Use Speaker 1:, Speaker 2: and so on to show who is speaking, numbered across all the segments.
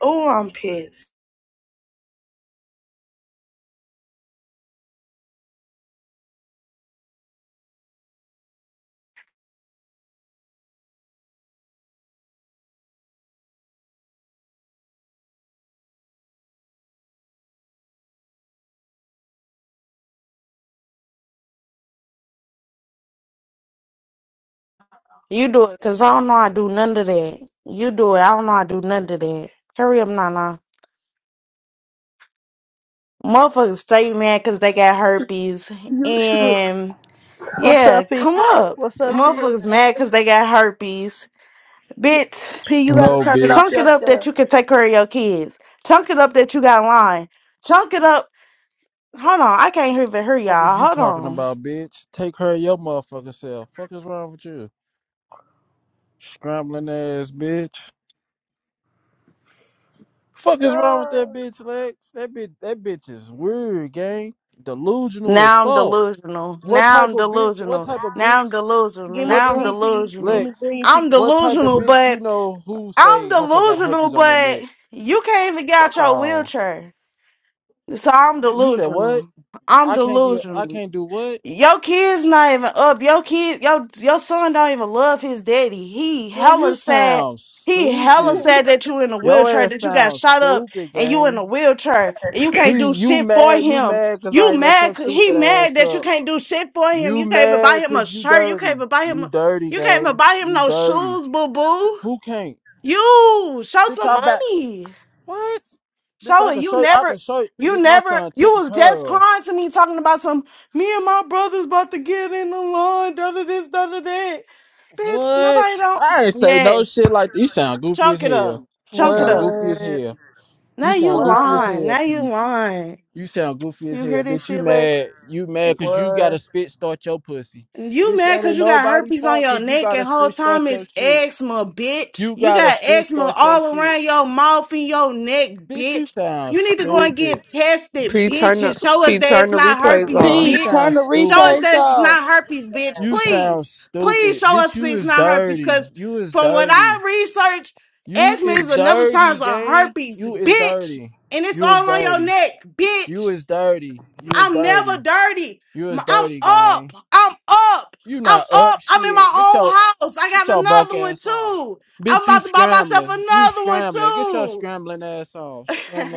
Speaker 1: Oh, I'm pissed. You do it, cause I don't know I do none of that. You do it, I don't know I do none of that. Hurry up, Nana. Motherfuckers stay mad cause they got herpes.
Speaker 2: You shoot.
Speaker 1: And
Speaker 2: What's
Speaker 1: yeah,
Speaker 2: up, P?
Speaker 1: come up.
Speaker 2: What's up, P?
Speaker 1: Motherfuckers mad cause they got herpes. Bitch,
Speaker 2: P, you gotta
Speaker 3: No,
Speaker 2: turn it off
Speaker 1: chunk
Speaker 3: bitch.
Speaker 1: it up that
Speaker 2: yourself.
Speaker 1: you can take care of your kids. Chunk it up that you got a line. Chunk it up. Hold on, I can't even hear
Speaker 3: Fuck
Speaker 1: y'all.
Speaker 3: is you
Speaker 1: Hold
Speaker 3: talking
Speaker 1: on.
Speaker 3: about, bitch? Take her your motherfucking self. Fuck is wrong with you? Scrambling ass bitch. Fuck is wrong with that bitch, Lex? That bitch that bitch is weird, gang. Delusional as
Speaker 1: Now I'm
Speaker 3: fuck.
Speaker 1: delusional.
Speaker 3: What
Speaker 1: Now
Speaker 3: type
Speaker 1: I'm
Speaker 3: of bitch? What
Speaker 1: delusional.
Speaker 3: type of
Speaker 1: Now I'm
Speaker 3: bitch?
Speaker 1: delusional.
Speaker 2: Give me
Speaker 3: What
Speaker 1: Now I'm
Speaker 3: type
Speaker 2: green P.
Speaker 1: delusional.
Speaker 2: Give me
Speaker 3: Lex,
Speaker 2: green
Speaker 1: I'm
Speaker 2: P.
Speaker 3: what type of
Speaker 1: delusional,
Speaker 3: bitch you
Speaker 1: but
Speaker 3: know who
Speaker 1: I'm
Speaker 3: say motherfucker got
Speaker 1: delusional,
Speaker 3: herpes on their
Speaker 1: but
Speaker 3: neck?
Speaker 1: you can't even get out
Speaker 3: Fuck
Speaker 1: your
Speaker 3: on.
Speaker 1: wheelchair. So I'm
Speaker 3: You said what?
Speaker 1: delusional. I'm
Speaker 3: I can't get I
Speaker 1: delusional.
Speaker 3: can't do what?
Speaker 1: Your kids not even up. Your kid, your your son don't even love his daddy. He
Speaker 3: Girl, you
Speaker 1: hella sad.
Speaker 3: sound
Speaker 1: He hella
Speaker 3: stupid.
Speaker 1: sad that you in a
Speaker 3: Your
Speaker 1: wheelchair,
Speaker 3: ass
Speaker 1: that you got
Speaker 3: sounds
Speaker 1: shot up
Speaker 3: stupid,
Speaker 1: and you in
Speaker 3: gang.
Speaker 1: a wheelchair and you can't
Speaker 3: P,
Speaker 1: do
Speaker 3: you
Speaker 1: shit for
Speaker 3: mad? You
Speaker 1: him.
Speaker 3: mad cause
Speaker 1: You
Speaker 3: I ain't let your
Speaker 1: mad? c- He
Speaker 3: stupid
Speaker 1: mad
Speaker 3: ass
Speaker 1: that you
Speaker 3: up.
Speaker 1: can't do shit for him.
Speaker 3: You
Speaker 1: You can't even buy
Speaker 3: mad
Speaker 1: him a
Speaker 3: cause you
Speaker 1: shirt. You can't
Speaker 3: dirty.
Speaker 1: even buy him.
Speaker 3: You dirty,
Speaker 1: You can't even
Speaker 3: gang.
Speaker 1: buy him
Speaker 3: You
Speaker 1: no
Speaker 3: dirty.
Speaker 1: shoes, boo boo.
Speaker 3: Who can't?
Speaker 1: You show
Speaker 3: Bitch,
Speaker 1: some
Speaker 3: I back.
Speaker 1: money.
Speaker 3: What? Bitch,
Speaker 1: Show
Speaker 3: I
Speaker 1: it.
Speaker 3: can
Speaker 1: You
Speaker 3: show you. I
Speaker 1: never,
Speaker 3: can show you.
Speaker 1: you
Speaker 3: Bitch, my
Speaker 1: never,
Speaker 3: son
Speaker 1: you
Speaker 3: took a
Speaker 1: was just
Speaker 3: curl.
Speaker 1: crying to me talking about some, me and my brother's about to get in the line, da da this, da da that. Bitch,
Speaker 3: What?
Speaker 1: nobody don't.
Speaker 3: I ain't say no
Speaker 1: Yes.
Speaker 3: shit like that. You sound goofy as
Speaker 1: Chunk it up.
Speaker 3: hell. You
Speaker 1: Chunk it
Speaker 3: sound
Speaker 1: up.
Speaker 3: goofy as
Speaker 2: What?
Speaker 3: hell. You
Speaker 1: Now
Speaker 3: sound
Speaker 1: you
Speaker 2: What?
Speaker 3: goofy as
Speaker 1: lying.
Speaker 3: hell,
Speaker 1: Now you
Speaker 3: P.
Speaker 1: lying.
Speaker 3: You sound goofy as
Speaker 2: You hear
Speaker 3: hell,
Speaker 2: this
Speaker 3: bitch. You
Speaker 2: shit, Lex?
Speaker 3: mad? You mad because you got
Speaker 2: What?
Speaker 3: to spit start your pussy,
Speaker 1: You
Speaker 3: bitch.
Speaker 1: mad
Speaker 3: That
Speaker 1: because
Speaker 3: ain't
Speaker 1: you got
Speaker 3: nobody
Speaker 1: herpes on
Speaker 3: fault
Speaker 1: your
Speaker 3: because you
Speaker 1: neck
Speaker 3: got to
Speaker 1: and whole
Speaker 3: spit
Speaker 1: time
Speaker 3: start your
Speaker 1: it's
Speaker 3: shit.
Speaker 1: eczema, bitch.
Speaker 3: You
Speaker 1: You
Speaker 3: got to
Speaker 1: got
Speaker 3: spit
Speaker 1: eczema
Speaker 3: start your
Speaker 1: all
Speaker 3: shit,
Speaker 1: around your mouth and your neck,
Speaker 3: bitch. You
Speaker 1: bitch.
Speaker 3: sound
Speaker 1: You need to go and
Speaker 3: stupid,
Speaker 1: get tested,
Speaker 4: P, turn
Speaker 1: bitch, and
Speaker 4: the
Speaker 1: show us
Speaker 4: P,
Speaker 1: that
Speaker 4: turn
Speaker 1: it's
Speaker 4: the
Speaker 1: not
Speaker 4: replays
Speaker 1: herpes,
Speaker 3: bitch.
Speaker 4: off,
Speaker 3: You
Speaker 2: P,
Speaker 1: bitch.
Speaker 3: sound
Speaker 2: turn the
Speaker 1: Show us
Speaker 3: stupid.
Speaker 2: replays
Speaker 1: that it's
Speaker 2: off.
Speaker 1: not herpes, bitch.
Speaker 3: You sound
Speaker 1: Please, please
Speaker 3: stupid,
Speaker 1: show
Speaker 3: bitch.
Speaker 1: us
Speaker 3: You
Speaker 1: it's
Speaker 3: is
Speaker 1: not herpes
Speaker 3: dirty.
Speaker 1: because
Speaker 3: You is
Speaker 1: from what
Speaker 3: dirty.
Speaker 1: I researched,
Speaker 3: You
Speaker 1: eczema
Speaker 3: is
Speaker 1: is another sign
Speaker 3: dirty,
Speaker 1: of
Speaker 3: gang.
Speaker 1: herpes,
Speaker 3: You is
Speaker 1: bitch.
Speaker 3: dirty.
Speaker 1: And it's
Speaker 3: You is
Speaker 1: all on your
Speaker 3: dirty.
Speaker 1: neck,
Speaker 3: You
Speaker 1: bitch.
Speaker 3: is dirty. You is
Speaker 1: I'm never
Speaker 3: dirty.
Speaker 1: dirty.
Speaker 3: You
Speaker 1: M-
Speaker 3: is
Speaker 1: I'm
Speaker 3: dirty,
Speaker 1: up.
Speaker 3: gang.
Speaker 1: I'm up.
Speaker 3: You
Speaker 1: I'm
Speaker 3: not up
Speaker 1: up. I'm in my
Speaker 3: shit. Get
Speaker 1: own
Speaker 3: your
Speaker 1: house. I
Speaker 3: Get
Speaker 1: got
Speaker 3: your broke
Speaker 1: another one
Speaker 3: ass on.
Speaker 1: too. I'm
Speaker 3: Bitch, you
Speaker 1: about to buy myself
Speaker 3: scrambling. You
Speaker 1: another one
Speaker 3: scrambling. Get your scrambling ass on.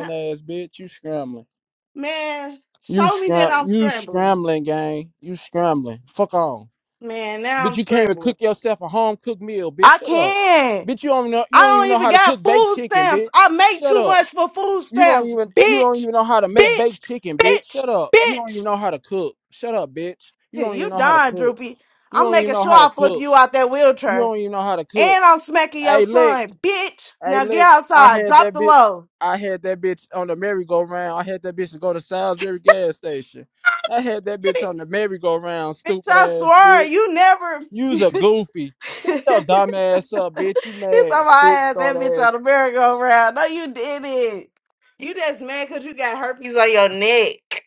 Speaker 1: too.
Speaker 3: ass bitch. You scrambling.
Speaker 1: Man,
Speaker 3: You
Speaker 1: show me that
Speaker 3: scram
Speaker 1: I'm
Speaker 3: you
Speaker 1: scrambling.
Speaker 3: scrambling, gang. You scrambling. Fuck on.
Speaker 1: Man, now I'm
Speaker 3: Bitch, you can't even
Speaker 1: scrambling.
Speaker 3: cook yourself a home cooked meal, bitch.
Speaker 1: I
Speaker 3: Shut up.
Speaker 1: can.
Speaker 3: Bitch, you don't know
Speaker 1: I
Speaker 3: you don't even
Speaker 1: don't
Speaker 3: know
Speaker 1: even
Speaker 3: how to
Speaker 1: got
Speaker 3: cook baked
Speaker 1: food
Speaker 3: chicken,
Speaker 1: stamps.
Speaker 3: bitch.
Speaker 1: I make
Speaker 3: Shut
Speaker 1: too
Speaker 3: up.
Speaker 1: much for food
Speaker 3: You don't
Speaker 1: stamps.
Speaker 3: even you don't
Speaker 1: Bitch,
Speaker 3: even know how to make
Speaker 1: bitch,
Speaker 3: baked chicken, bitch.
Speaker 1: bitch,
Speaker 3: Shut up. You don't even
Speaker 1: bitch.
Speaker 3: know how to cook. Shut up, bitch. You don't even
Speaker 1: You
Speaker 3: know how to
Speaker 1: done,
Speaker 3: cook.
Speaker 1: Droopy.
Speaker 3: You
Speaker 1: I'm
Speaker 3: don't even
Speaker 1: making
Speaker 3: know
Speaker 1: sure
Speaker 3: how to
Speaker 1: I flip
Speaker 3: cook.
Speaker 1: you out that
Speaker 3: You
Speaker 1: wheelchair.
Speaker 3: don't even know how to cook.
Speaker 1: And I'm smacking your
Speaker 3: Hey, Lex.
Speaker 1: son, bitch.
Speaker 3: Hey,
Speaker 1: Now get
Speaker 3: look, I
Speaker 1: outside.
Speaker 3: had
Speaker 1: Drop
Speaker 3: that
Speaker 1: the
Speaker 3: bitch.
Speaker 1: low.
Speaker 3: I had that bitch on the merry-go-round. I had that bitch to go to Salisbury gas station. I had that bitch on the
Speaker 1: Bitch,
Speaker 3: merry-go-round, stupid
Speaker 1: I
Speaker 3: ass
Speaker 1: swear,
Speaker 3: bitch.
Speaker 1: you never.
Speaker 3: You's a goofy. Shut your dumb ass up, bitch. You
Speaker 1: you
Speaker 3: mad,
Speaker 1: thought I
Speaker 3: spit
Speaker 1: had
Speaker 3: start
Speaker 1: that bitch on
Speaker 3: ass.
Speaker 1: the merry-go-round. No, you didn't. You just mad because you got herpes on your neck.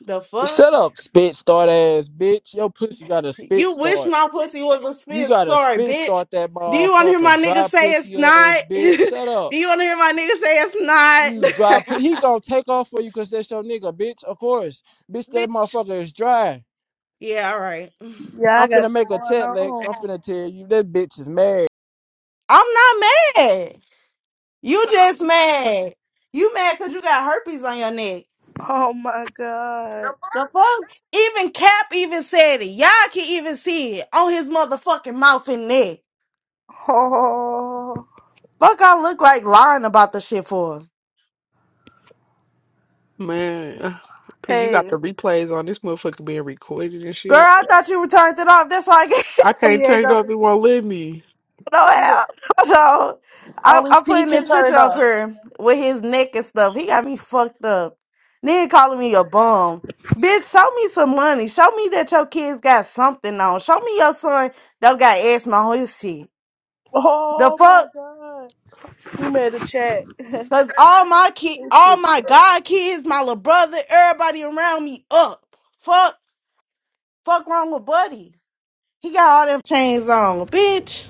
Speaker 1: The fuck?
Speaker 3: Shut up, spit start ass bitch. Your pussy got a spit
Speaker 1: You wish
Speaker 3: start.
Speaker 1: my pussy was a
Speaker 3: You
Speaker 1: spit
Speaker 3: got to
Speaker 1: story,
Speaker 3: spit
Speaker 1: bitch.
Speaker 3: start that
Speaker 1: Do you want to hear
Speaker 3: motherfucker,
Speaker 1: my nigga
Speaker 3: dry
Speaker 1: say it's
Speaker 3: pussy ass
Speaker 1: not?
Speaker 3: bitch. Shut up.
Speaker 1: Do you want to hear my nigga say it's
Speaker 3: You dry. Pu-
Speaker 1: not?
Speaker 3: he gonna take off for you 'cause that's your nigga, bitch. Of course, bitch. That
Speaker 1: bitch.
Speaker 3: motherfucker is dry.
Speaker 1: Yeah, all right.
Speaker 2: Yeah,
Speaker 3: I'm
Speaker 2: I got
Speaker 3: finna
Speaker 2: it
Speaker 3: make a
Speaker 2: going
Speaker 3: check, Lex.
Speaker 2: on.
Speaker 3: I'm finna tell you that bitch is mad.
Speaker 1: I'm not mad. You just mad. You mad because you got herpes on your neck.
Speaker 2: Oh my god.
Speaker 1: The fuck? Even Cap even said it. Y'all can even see it on his motherfucking mouth and neck.
Speaker 2: Oh.
Speaker 1: Fuck, I look like lying about the shit for.
Speaker 4: man. uh, P, you got
Speaker 2: Hey,
Speaker 4: the replays on. This motherfucker being recorded and
Speaker 1: Girl,
Speaker 4: shit.
Speaker 1: I thought you turned it off. That's why I gave
Speaker 4: I
Speaker 2: she ain't
Speaker 4: can't
Speaker 2: going
Speaker 4: turn it
Speaker 2: Diego,
Speaker 4: up. It won't let me.
Speaker 1: no
Speaker 2: shoot it.
Speaker 1: hell. Hold I,
Speaker 2: Only
Speaker 1: I'm
Speaker 2: P
Speaker 1: putting
Speaker 2: can
Speaker 1: this
Speaker 2: turn
Speaker 1: picture
Speaker 2: it
Speaker 1: up
Speaker 2: off.
Speaker 1: here with his neck and stuff. He got me fucked up. Nigga calling me a bum. Bitch, show me some money. Show me that your kids got something on. Show me your son don't got asthma on his shit. The
Speaker 2: Oh my
Speaker 1: fuck?
Speaker 2: god. You made a chat.
Speaker 1: Cause all my kid,
Speaker 2: That shit
Speaker 1: all my god kids, my little brother, everybody around me up. Fuck, fuck wrong with Buddy. He got all them chains on, bitch.